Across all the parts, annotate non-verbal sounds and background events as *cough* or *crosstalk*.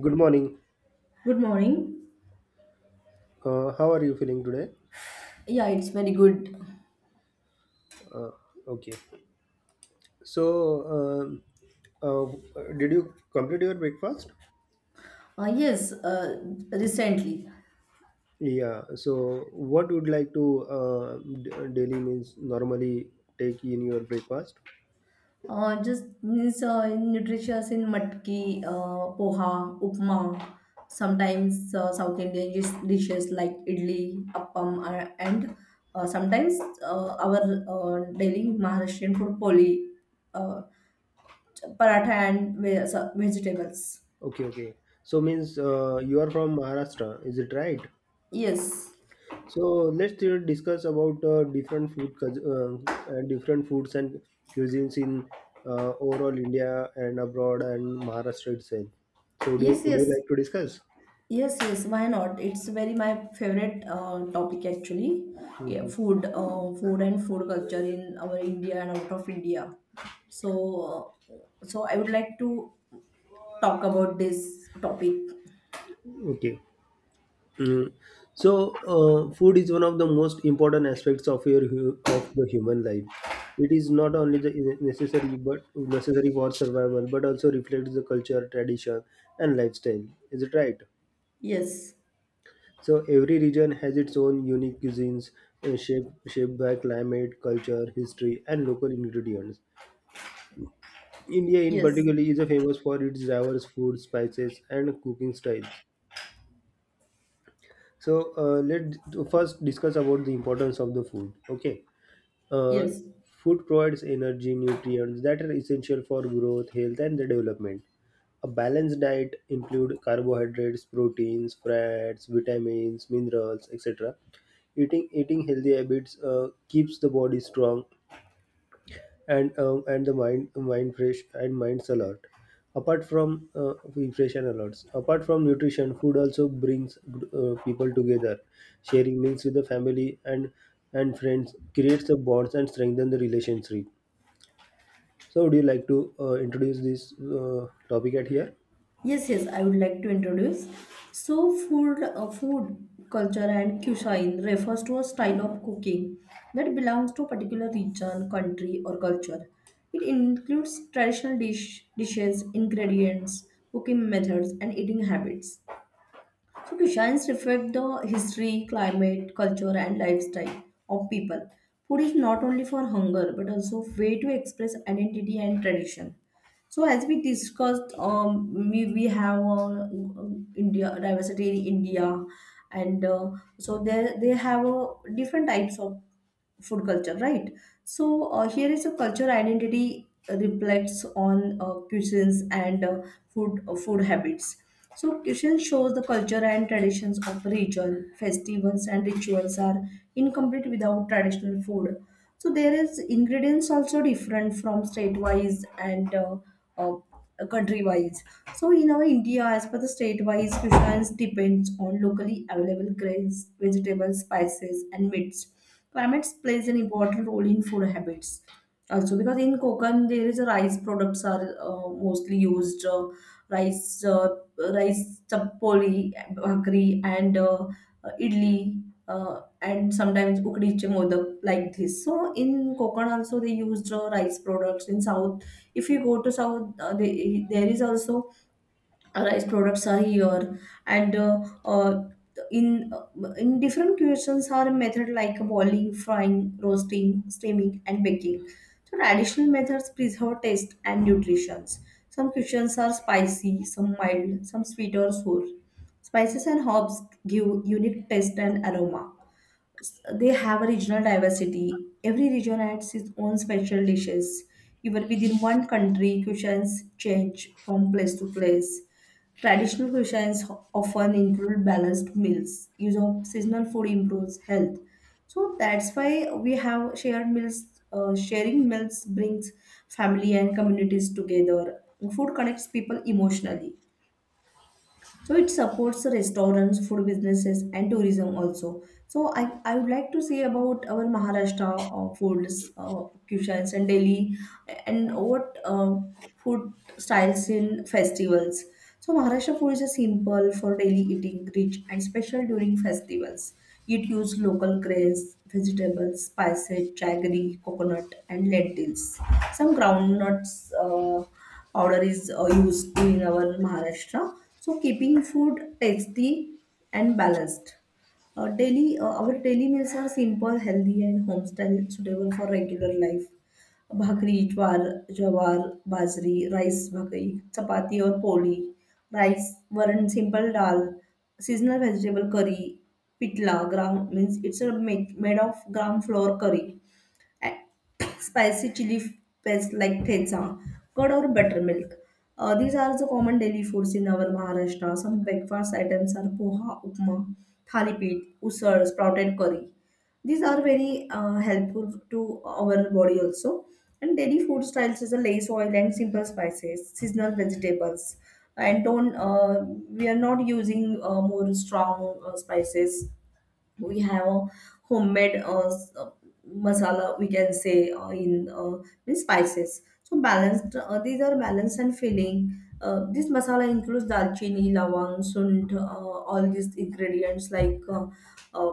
Good morning. Good morning. How are you feeling today? Yeah, it's very good. Uh, okay. So, um, uh, did you complete your breakfast? Yes, recently, Yeah. So, what would like to daily means normally take in your breakfast? Just means in nutritious in matki, poha, upma, sometimes South Indian dishes like idli, appam, and sometimes our daily Maharashtrian food poli, uh, paratha and vegetables. Okay. Okay. So means you are from Maharashtra. Is it right? Yes, So let's discuss about different food, different foods and cuisines in overall India and abroad and Maharashtra itself. So would you yes, would you yes. like to discuss? Yes, yes, why not? It's very my favorite topic actually. Yeah, Hmm. food and food culture in our India and out of India. So I would like to talk about this topic. Okay. Mm. So food is one of the most important aspects of the human life. It is not only the necessary but necessary for survival, but also reflects the culture, tradition, and lifestyle. Is it right? Yes, So every region has its own unique cuisines shaped by climate, culture, history, and local ingredients. India, in yes, particular, is famous for its diverse food, spices, and cooking styles. So let's first discuss about the importance of the food. Okay. Uh, yes. Food provides energy, nutrients that are essential for growth, health, and the development. A balanced diet includes carbohydrates, proteins, fats, vitamins, minerals, etc. Eating healthy habits keeps the body strong and the mind fresh and mind's alert apart from fresh and alerts apart from nutrition. Food also brings people together, sharing meals with the family and friends creates the bonds and strengthen the relationship. So would you like to introduce this topic at here? Yes, yes, I would like to introduce. So, food culture and cuisine refers to a style of cooking that belongs to a particular region, country, or culture. It includes traditional dishes, ingredients, cooking methods, and eating habits. So designs reflect the history, climate, culture, and lifestyle of people. Food is not only for hunger but also way to express identity and tradition. So as we discussed, we have India diversity in India, and so they have different types of food culture, right? So here is a culture identity reflects on cuisines and food habits. So cuisine shows the culture and traditions of a region. Festivals and rituals are incomplete without traditional food. So there is ingredients also different from state wise, and uh, country wise. So in our India, as per the state wise, cuisines depends on locally available grains, vegetables, spices, and meats. Climate plays an important role in food habits also, because in Konkan there is a rice products are mostly used, rice uh, rice chappoli, bhakri, and idli, and sometimes ukdiche modak like this. So in Konkan also they used rice products. In South, if you go to South, there is also rice products are here. And uh, in different cuisines are a method like boiling, frying, roasting, steaming, and baking. So traditional methods preserve taste and nutrition. Some cuisines are spicy, some mild, some sweet or sour. Spices and herbs give unique taste and aroma. They have a regional diversity. Every region adds its own special dishes. Even within one country, cuisines change from place to place. Traditional cuisines often include balanced meals. Use of seasonal food improves health. So that's why we have shared meals. Sharing meals brings family and communities together. Food connects people emotionally, so it supports the restaurants, food businesses, and tourism also. So I would like to say about our Maharashtra foods, cuisines, and Delhi, and what food styles in festivals. So Maharashtra food is a simple for daily eating, rich and special during festivals. It uses local grains, vegetables, spices, jaggery, coconut, and lentils. Some groundnuts. Order is used in our Maharashtra. So keeping food tasty and balanced. Our daily meals are simple, healthy, and homestyle, suitable for regular life. भाकरी ज्वार ज्वार बाजरी rice bhakri chapati और poli rice varan simple dal seasonal vegetable curry pitla gram means it's made of gram flour curry and *coughs* spicy chili paste, like thensa, curd or buttermilk. These are the common daily foods in our Maharashtra. Some breakfast items are poha, upma, thalipit, usar, sprouted curry. These are very helpful to our body also. And daily food styles is a less oil and simple spices, seasonal vegetables, and don't, we are not using more strong spices. We have a homemade masala, we can say, in means spices. So balanced, these are balanced and filling. This masala includes dalchini, lawang, sunt, all these ingredients like uh,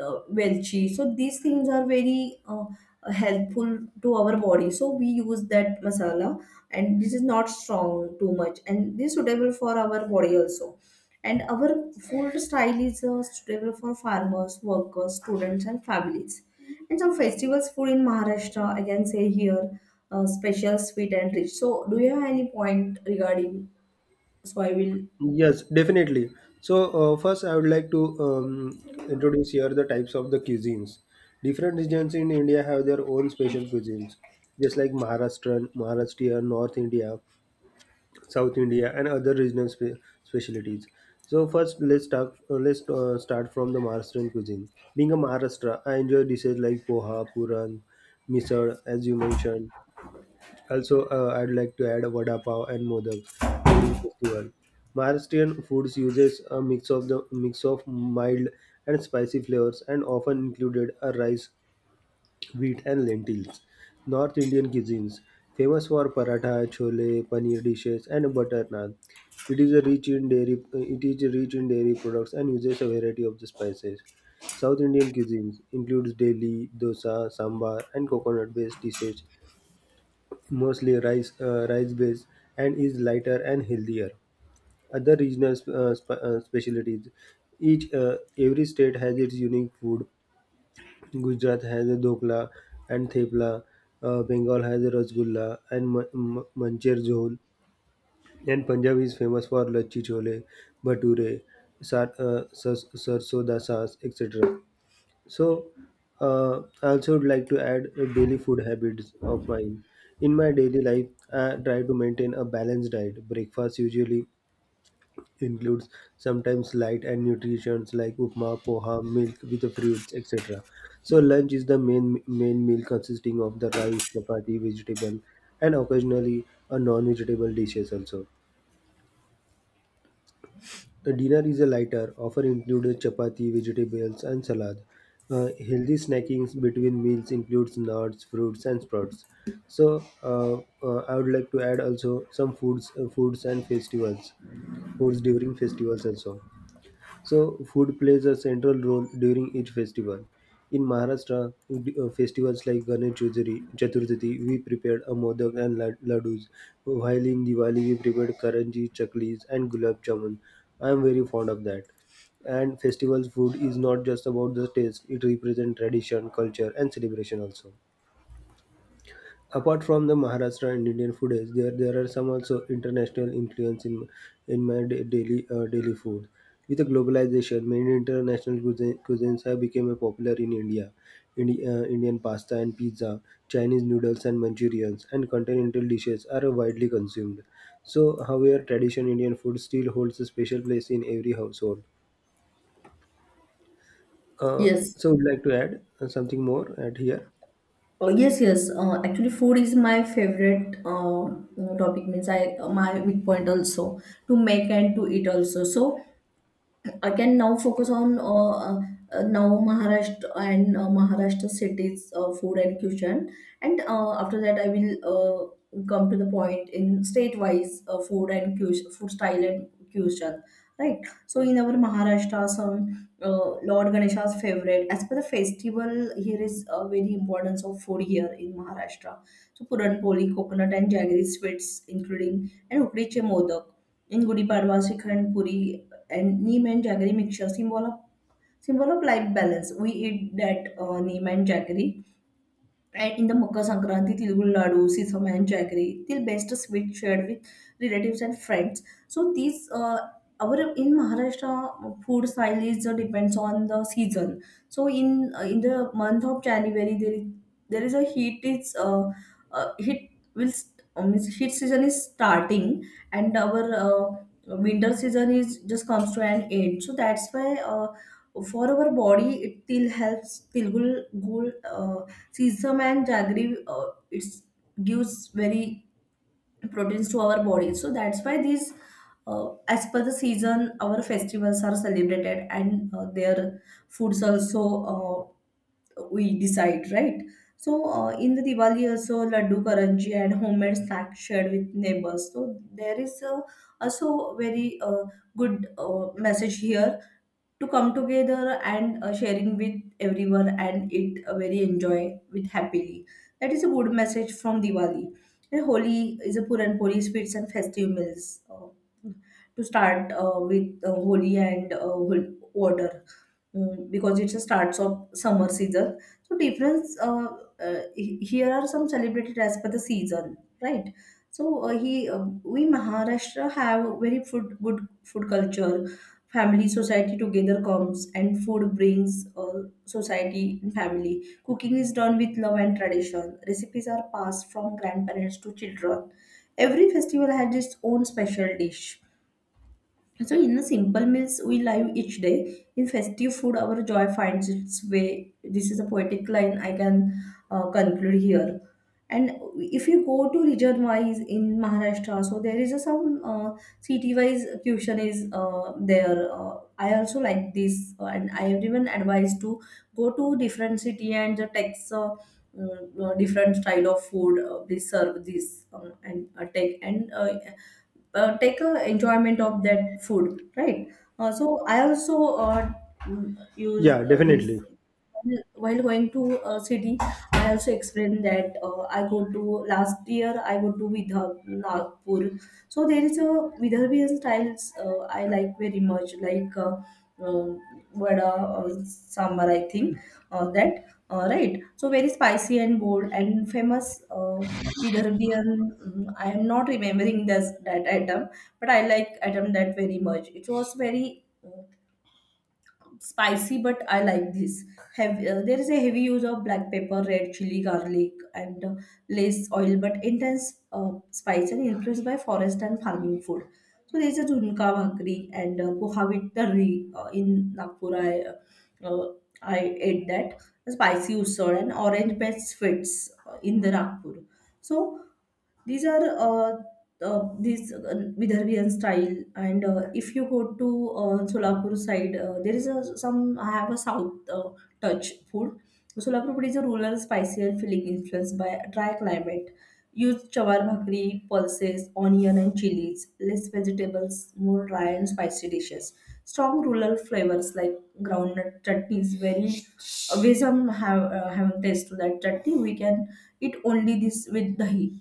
welchi. So these things are very helpful to our body, so we use that masala, and this is not strong too much, and this is suitable for our body also. And our food style is suitable for farmers, workers, students, and families. And some festivals food in Maharashtra, I can say here, special, sweet, and rich. So, do you have any point regarding? So, I will. Yes, definitely. So, first, I would like to introduce here the types of the cuisines. Different regions in India have their own special cuisines, just like Maharashtra, North India, South India, and other regional specialties. So, first, let's start. Let's start from the Maharashtrian cuisine. Being a Maharashtra, I enjoy dishes like poha, puran, misal, as you mentioned. Also, I'd like to add vada pav and modaks during festival. Maharashtrian foods uses a mix of mild and spicy flavors and often included a rice, wheat, and lentils. North Indian cuisines famous for paratha, chole, paneer dishes, and butter naan. It is a rich in dairy. It is rich in dairy products and uses a variety of the spices. South Indian cuisines includes Delhi, dosa, sambar, and coconut-based dishes, mostly rice based, and is lighter and healthier. Other regional specialties, each every state has its unique food. Gujarat has a dokla and thepla. Bengal has a rasgulla and mancher zhol, and Punjab is famous for lachi chole, bhature, sarson da saas, etc. So, I also would like to add daily food habits of mine. In my daily life, I try to maintain a balanced diet. Breakfast usually includes sometimes light and nutrients like upma, poha, milk with the fruits, etc. So, lunch is the main meal consisting of the rice, chapati, vegetable, and occasionally a non-vegetable dishes also. A dinner is a lighter, often included chapati, vegetables, and salad. Healthy snacking between meals includes nuts, fruits, and sprouts. So, I would like to add also some foods, foods during festivals also. So, food plays a central role during each festival. In Maharashtra, festivals like Ganesh Chaturthi, we prepared a modak and laddus, while in Diwali, we prepared karanji, chaklis, and gulab jamun. I am very fond of that. And festival food is not just about the taste, it represents tradition, culture, and celebration also. Apart from the Maharashtra and Indian foods, there are some also international influence in my da- daily daily food. With the globalization, many cuisines have become popular in India. Indian pasta and pizza, Chinese noodles and Manchurians, and continental dishes are widely consumed. So, however, traditional Indian food still holds a special place in every household. Uh, Yes. so, would like to add something more at here? Oh, yes, yes. Actually, food is my favorite topic. Means I my weak point also to make and to eat also. So I can now focus on now Maharashtra, and Maharashtra cities food and cuisine, and after that I will come to the point in state-wise food and cuisine, food style and cuisine. Right. So in our Maharashtra, some Lord Ganesha's favorite. As per the festival, here is very importance of food here in Maharashtra. So Puran Poli, coconut and jaggery sweets, including and Ukdiche Modak. In Gudi Padwa, Srikhand, Puri, and neem and jaggery mixture, symbol of life balance. We eat that neem and jaggery, and in the Makar Sankranti, Tilgul Nadu, Sisam and Jaggery, till best sweet shared with relatives and friends. So these, our in Maharashtra food style is depends on the season. So in the month of January, there is a heat is, heat will means heat season is starting, and our winter season is just comes to an end. So that's why for our body it still helps till gul, sesame and jaggery. It gives very proteins to our body, so that's why these, as per the season, our festivals are celebrated, and their foods also, we decide, right? So in the Diwali also laddu karanji and homemade snacks shared with neighbors. So there is also very good message here to come together and sharing with everyone, and it very enjoy with happily. That is a good message from Diwali. And Holi is a Puran Poli sweets and festive meals. To start with Holi and water, because it's a starts of summer season. So difference here are some celebrated as per the season, right? So he we Maharashtra have very food good food culture. Family society together comes, and food brings society and family. Cooking is done with love and tradition. Recipes are passed from grandparents to children. Every festival has its own special dish. So, in the simple meals we live each day, in festive food, our joy finds its way. This is a poetic line I can conclude here. And if you go to region wise in Maharashtra, so there is a some city wise tuition is there. I also like this, and I everyone advised to go to different city, and the takes different style of food. They serve this, and take, and take a enjoyment of that food, right? So I also use Yeah, definitely. these while going to a city. I also explained that I go to last year I go to Nagpur. So there is a Vidarbhian styles I like very much, like uh, vada, uh, sambar I think, that, right. So very spicy and bold and famous, uh, with Arabian. I am not remembering this that item, but I like item that very much. It was very spicy, but I like this. Have, there is a heavy use of black pepper, red chili, garlic, and less oil, but intense spice, and influenced by forest and farming food. So there is a junka bhakri and poha with tarri in Nagpur. Uh, I ate that spicy usur and orange best fits in the Nagpur. So these are this Vidarbhian style. And if you go to Solapur side, there is a, some I have a south touch food. So, Solapur food is a rural, spicier filling influenced by dry climate. Use chawar bhakri, pulses, onion and chilies, less vegetables, more dry and spicy dishes. Strong rural flavors like groundnut chutney is very. *laughs* We some have haven't tasted that chutney. We can eat only this with dahi,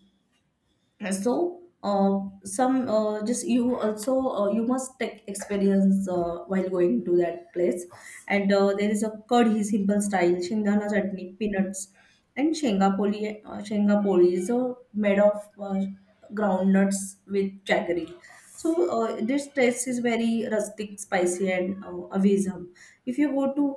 so some just you also, you must take experience while going to that place. And there is a curry simple style shingdana chutney peanuts and shengapoli. Shengapoli is made of groundnuts with jaggery. So this taste is very rustic, spicy, and awesome. If you go to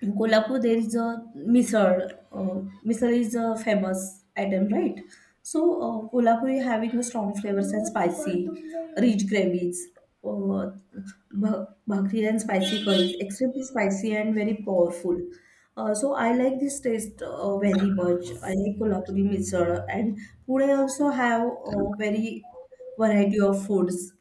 in Kolhapur, there is a misal. Misal is a famous item, right? So Kolhapur is having a strong flavors and spicy, rich gravies, uh, bhakri and spicy curries, extremely spicy and very powerful. So I like this taste very much. I like Kolhapuri misal, and Pune also have a very variety of foods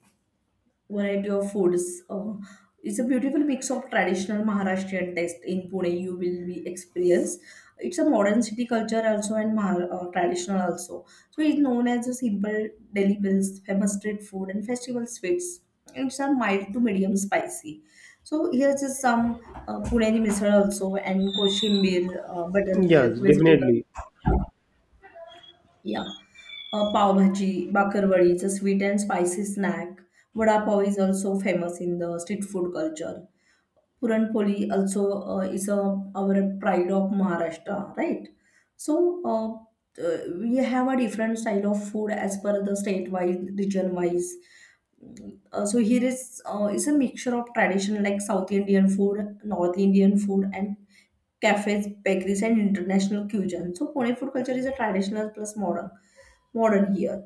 variety of foods. It's a beautiful mix of traditional Maharashtrian taste in Pune. You will be experience. It's a modern city culture also and traditional also. So it's known as a simple deli bills, famous street food and festival sweets. It's a mild to medium spicy. So here's just some Puneni misal also and koshim, buttermilk, Yes, vegetable, definitely. yeah. Pav bhaji, bakarwadi, it's a sweet and spicy snack. Vada pav is also famous in the street food culture. Puran poli also is a, our pride of Maharashtra, right? So we have a different style of food as per the state wise, region wise. So here is, is a mixture of tradition like South Indian food, North Indian food, and cafes, bakeries, and international cuisine. So Pune food culture is a traditional plus modern modern here.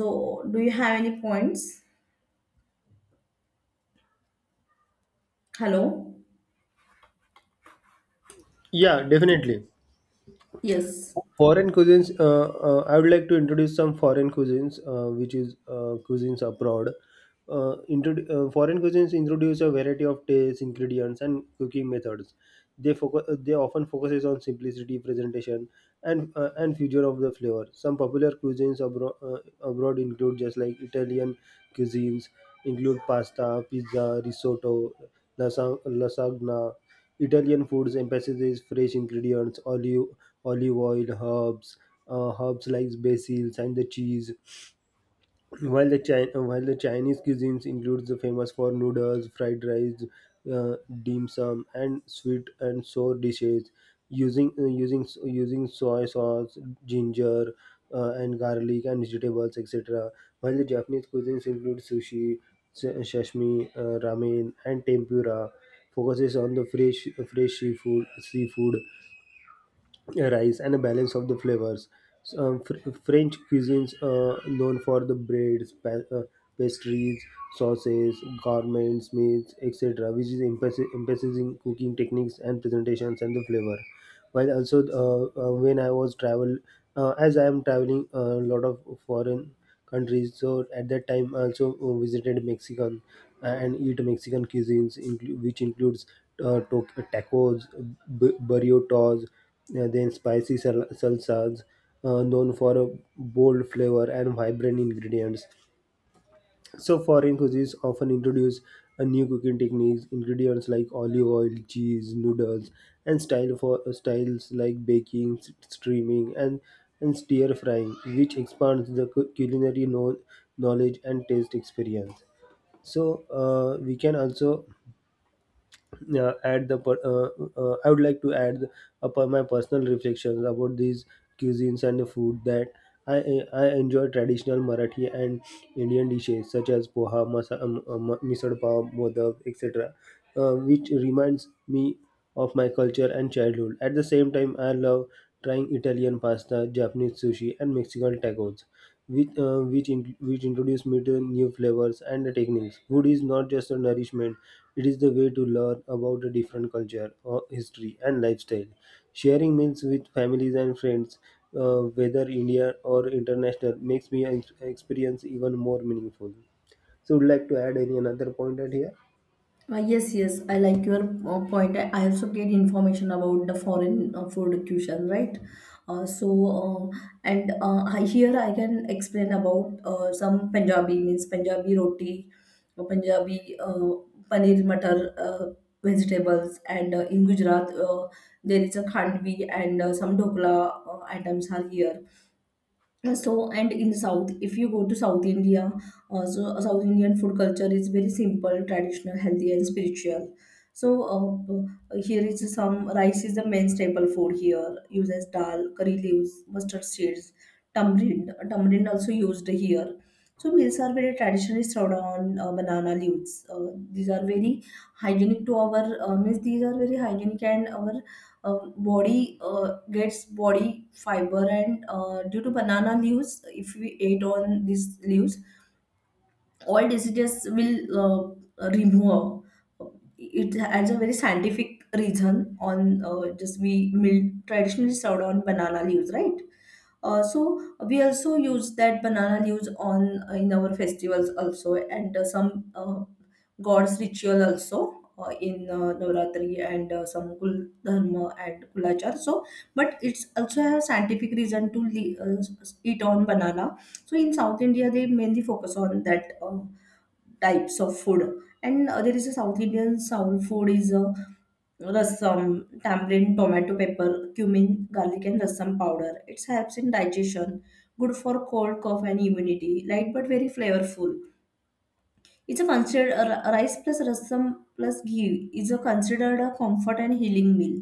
So do you have any points? Hello. Yeah, definitely. Yes. Foreign cuisines. I would like to introduce some foreign cuisines, which is cuisines abroad. Foreign cuisines introduce a variety of tastes, ingredients, and cooking methods. They focus. They often focuses on simplicity, presentation, and future of the flavor. Some popular cuisines abroad include just like Italian cuisines include pasta, pizza, risotto, lasagna. Italian foods emphasizes fresh ingredients, olive oil, herbs, herbs like basil and the cheese. While the Chinese cuisines includes the famous for noodles, fried rice, uh, dim sum, and sweet and sour dishes using soy sauce, ginger, and garlic and vegetables, etc. While the Japanese cuisines include sushi, sashimi, ramen, and tempura, focuses on the fresh seafood rice and a balance of the flavors. So, French cuisines known for the breads, pastries, sauces, garments, meats, etc., which is emphasizing cooking techniques and presentations and the flavor, while also, when I was travel as I am traveling a lot of foreign countries. So at that time I also visited Mexican and eat Mexican which includes uh, to- tacos, burritos, then spicy salsas, known for a bold flavor and vibrant ingredients. So foreign cuisines often introduce a new cooking techniques, ingredients like olive oil, cheese, noodles, and styles like baking, steaming, and stir frying, which expands the knowledge and taste experience. So we can also uh, add the per- uh, I would like to add upon my personal reflections about these cuisines and the food that I I enjoy traditional Marathi and Indian dishes such as poha, masa, misal pav, modak, etc., which reminds me of my culture and childhood. At the same time, I love trying Italian pasta, Japanese sushi, and Mexican tacos, which introduce me to new flavors and techniques. Food is not just a nourishment; it is the way to learn about a different culture, or history, and lifestyle. Sharing meals with families and friends, whether India or international, makes me experience even more meaningful. So, would like to add any another point at here? Yes, yes, I like your point. I also get information about the foreign food cuisine, right? Uh, so, uh, and I, here I can explain about some Punjabi, means Punjabi roti, Punjabi paneer matar, vegetables, and in Gujarat there is a khandvi and some dokla items are here. So and in south, if you go to south india, south indian food culture is very simple, traditional, healthy and spiritual. So here is some rice is the main staple food here, used as dal, curry leaves, mustard seeds, tamarind also used here. So meals are very traditionally served on banana leaves. These are very hygienic to our, means these are very hygienic and our body gets body fiber, and due to banana leaves, if we ate on these leaves, all diseases will remove. It has a very scientific reason on, just we mill traditionally served on banana leaves, right? So we also use that banana leaves on, in our festivals also, and some gods ritual also, in Navratri and some Kul Dharma and Kulachar. So, but it's also a scientific reason to eat on banana. So in South India, they mainly focus on that. Types of food. And there is a south indian soul food is a rasam, tamarind, tomato, pepper, cumin, garlic and rasam powder. It helps in digestion, good for cold, cough and immunity, light but very flavorful. It's a considered a rice plus rasam plus ghee, is a considered a comfort and healing meal.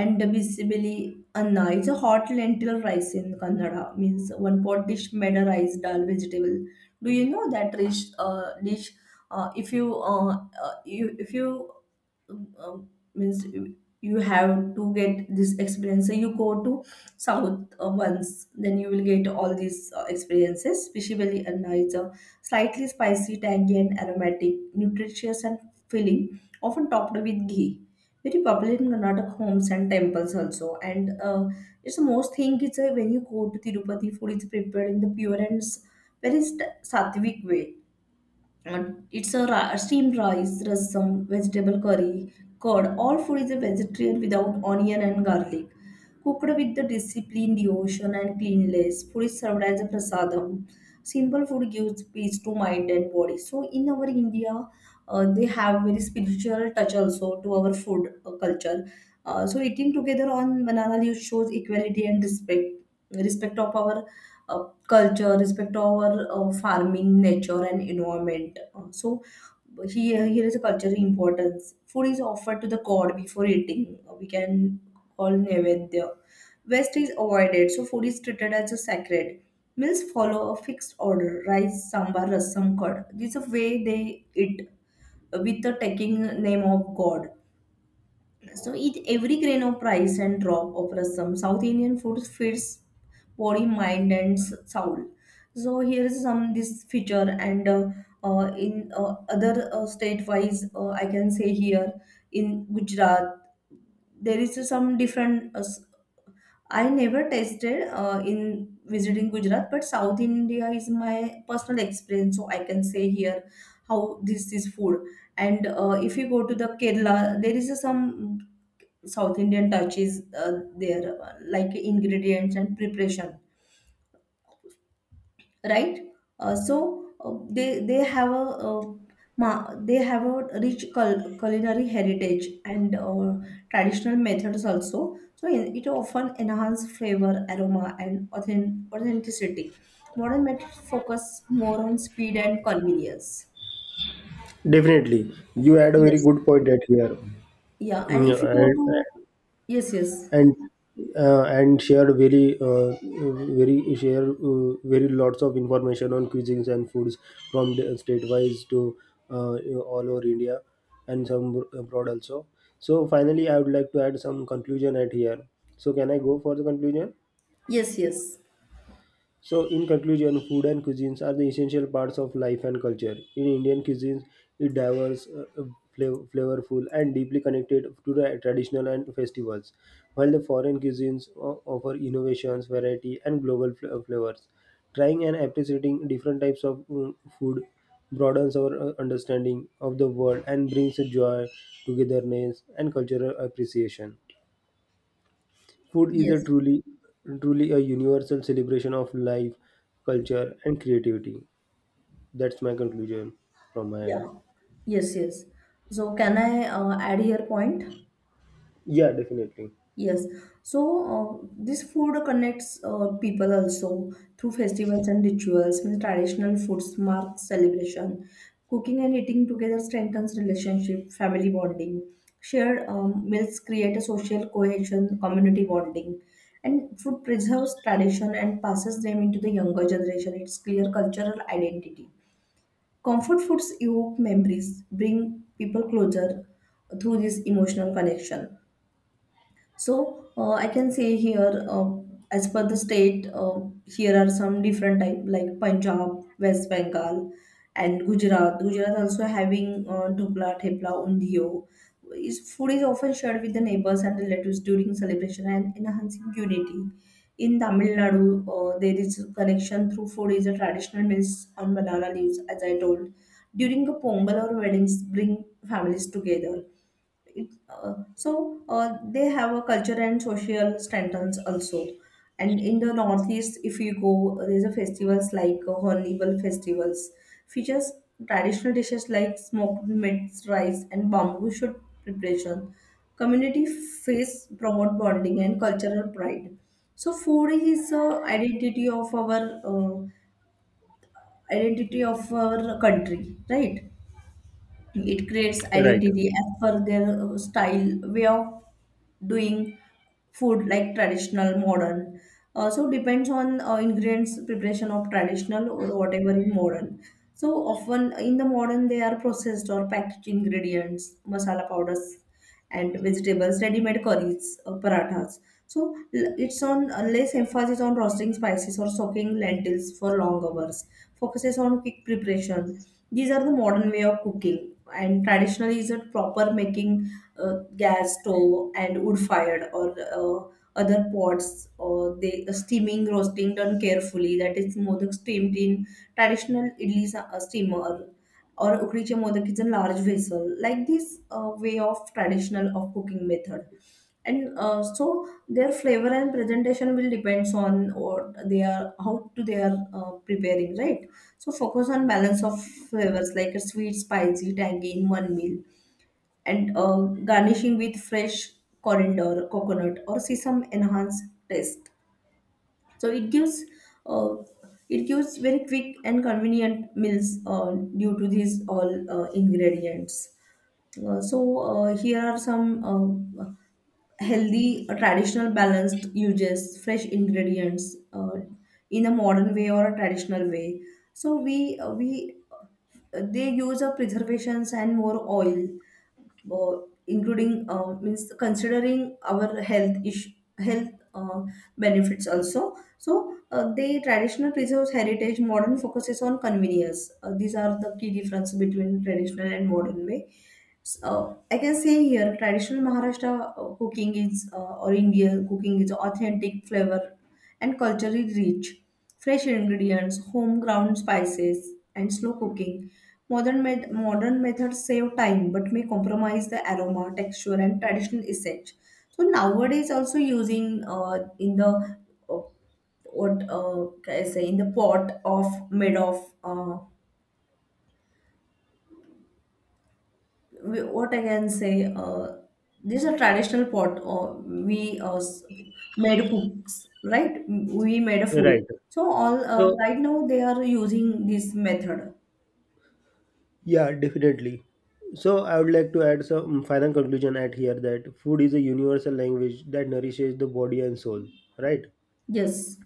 And basically anna, it's a nice hot lentil rice in kannada, means one pot dish made a rice, dal, vegetable. Do you know that dish? Uh, if you you if you uh, means you you have to get this experience, so you go to south once, then you will get all these experiences, specially anna. It's a nice, slightly spicy, tangy and aromatic, nutritious and filling, often topped with ghee, very popular in Karnataka homes and temples also. And it's the most thing. It's when you go to Tirupati, food is prepared in the pure and very sattvic way. And it's a steamed rice, rasam, vegetable curry, curd. All food is a vegetarian without onion and garlic. Cooked with the discipline, devotion, and cleanliness, food is served as a prasadam. Simple food gives peace to mind and body. So in our India, they have very spiritual touch also to our food culture. So eating together on banana leaf shows equality and respect, respect of our culture, respect our farming, nature, and environment. So here, here is a cultural importance. Food is offered to the god before eating. We can call Nevedya. Waste is avoided, so food is treated as a sacred. Meals follow a fixed order: rice, sambar, rasam, curd. This is the way they eat, with the taking name of God. So eat every grain of rice and drop of rasam. South Indian food feeds body, mind, and soul. So here is some this feature. And in other state wise, I can say here, in Gujarat there is some different. I never tasted in visiting Gujarat, but South India is my personal experience, so I can say here how this is food. And if you go to the Kerala, there is a some South Indian touch is there, like ingredients and preparation, right? They have a, they have a rich culinary heritage and traditional methods also. So it often enhance flavor, aroma, and authenticity. Modern methods focus more on speed and convenience. Definitely, you add a very Yes, good point at here. yeah, and if you Yeah, go and to, yes, yes, and shared very very share very lots of information on cuisines and foods, from the state-wise to all over India and some abroad also. So finally, I would like to add some conclusion at here. So can I go for the conclusion? yes, yes, So, in conclusion, food and cuisines are the essential parts of life and culture. In Indian cuisines, it diverse, flavorful, and deeply connected to the traditional and festivals, while the foreign cuisines offer innovations, variety, and global flavors. Trying and appreciating different types of food broadens our understanding of the world and brings joy, togetherness, and cultural appreciation. Food is a yes. Truly a universal celebration of life, culture, and creativity. That's my conclusion from my Yeah. end. Yes, yes. So can I add your point? Yeah, definitely. Yes. So this food connects people also through festivals and rituals. Means traditional foods mark celebration. Cooking and eating together strengthens relationship, family bonding. Shared meals create a social cohesion, community bonding, and food preserves tradition and passes them into the younger generation. It's clear cultural identity. Comfort foods evoke memories, bring people closer through this emotional connection. So I can say here, as per the state, here are some different type like Punjab, West Bengal, and Gujarat. Gujarat also having dhokla, thepla, undio. Is food is often shared with the neighbors and relatives during celebration and enhancing unity. In Tamil Nadu, there is a connection through food is a traditional means on banana leaves, as I told. During a pongal or weddings, bring families together it, they have a culture and social standards also. And in the northeast, if you go, there's a festivals like hornival festivals, features traditional dishes like smoked meats, rice and bamboo shoot preparation. Community feasts promote bonding and cultural pride. So food is identity of our, uh, identity of our country, right? It creates Right, identity as per their style, way of doing food like traditional, modern. So depends on ingredients preparation of traditional or whatever in modern. So often in the modern they are processed or packaged ingredients, masala powders and vegetables, ready-made curries, parathas. So it's on less emphasis on roasting spices or soaking lentils for long hours. Focuses on quick preparation. These are the modern way of cooking, and traditionally is a proper making gas stove and wood fired or other pots, or they steaming, roasting done carefully, that is modak steamed in traditional idlis steamer, or ukriche modak is a large vessel like this, way of traditional of cooking method. And so their flavor and presentation will depends on what they are, how to they are preparing, right? So focus on balance of flavors like a sweet, spicy, tangy in one meal. And garnishing with fresh coriander, coconut or sesame enhanced taste. So uh, it gives very quick and convenient meals due to these all ingredients. Here are some, healthy, traditional, balanced uses, fresh ingredients, in a modern way or a traditional way. So we they use a preservations and more oil, including, means considering our health issue, health uh, benefits also. So they traditional preserves heritage, modern focuses on convenience. These are the key difference between traditional and modern way. So I can say here traditional Maharashtra cooking is or Indian cooking is authentic flavor and culturally rich. Fresh ingredients, home ground spices, and slow cooking. Modern methods save time but may compromise the aroma, texture, and traditional essence. So nowadays also using in the uh, what can I say, in the pot of made of, what I can say, uh, these are traditional pot. Or we made cooks, right? We made a food. right. So all So, right now they are using this method. yeah, definitely. So, I would like to add some final conclusion at here, that food is a universal language that nourishes the body and soul. Right. Yes,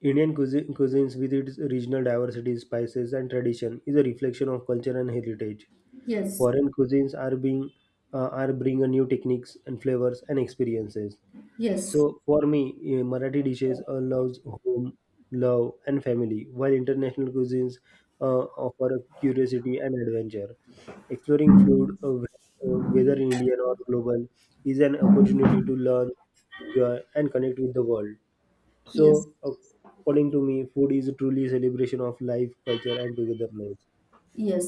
Indian cuisine, cuisines with its regional diversity, spices, and tradition is a reflection of culture and heritage. yes, Foreign cuisines are being are bring a new techniques and flavors and experiences. yes, So for me, Marathi dishes allows home love and family, while international cuisines uh, offer curiosity and adventure. Exploring food, whether Indian or global, is an opportunity to learn, enjoy, and connect with the world. So, yes, according to me, food is truly a celebration of life, culture, and togetherness.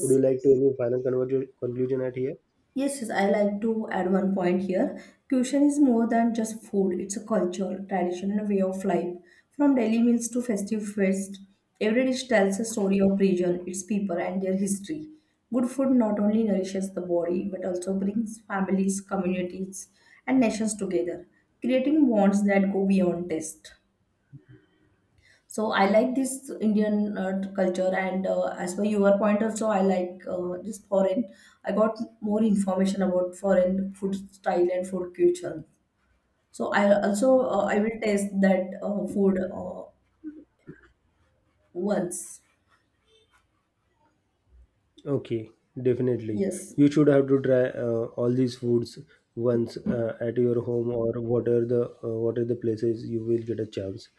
Would you like to any final conclusion at here? Yes, yes, I like to add one point here. Cuisine is more than just food, it's a culture, tradition, and a way of life. From daily meals to festive feast, every dish tells a story of region, its people, and their history. Good food not only nourishes the body but also brings families, communities, and nations together, creating bonds that go beyond taste. So I like this Indian culture, and as per your point also, I like this foreign. I got more information about foreign food style and food culture. So I also I will taste that food once. Okay, definitely. Yes, You should have to try all these foods once, at your home or what are the places you will get a chance.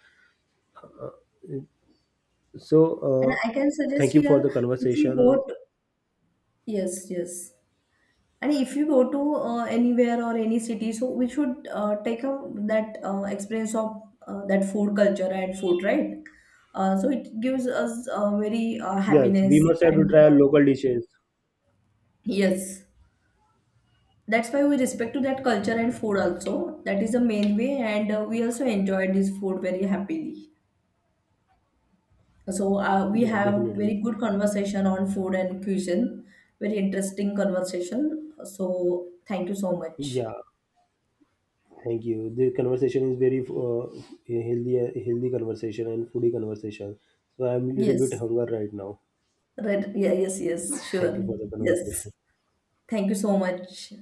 So, and I can suggest thank you for here the if you conversation. go. To, yes, yes. And if you go to anywhere or any city, so we should take out that experience of that food culture and food, right? So it gives us very Yes, we happiness must have to and, try local dishes. yes, that's why we respect to that culture and food also. That is the main way, and we also enjoyed this food very happily. So we Yeah, have definitely. very good conversation on food and cuisine, very interesting conversation. So thank you so much. Yeah, thank you. The conversation is very healthy conversation and foodie conversation. So I'm a little bit Yes. hunger right now. Right. Yeah, yes, yes, Thank sure. you for the Yes. conversation. Thank you so much.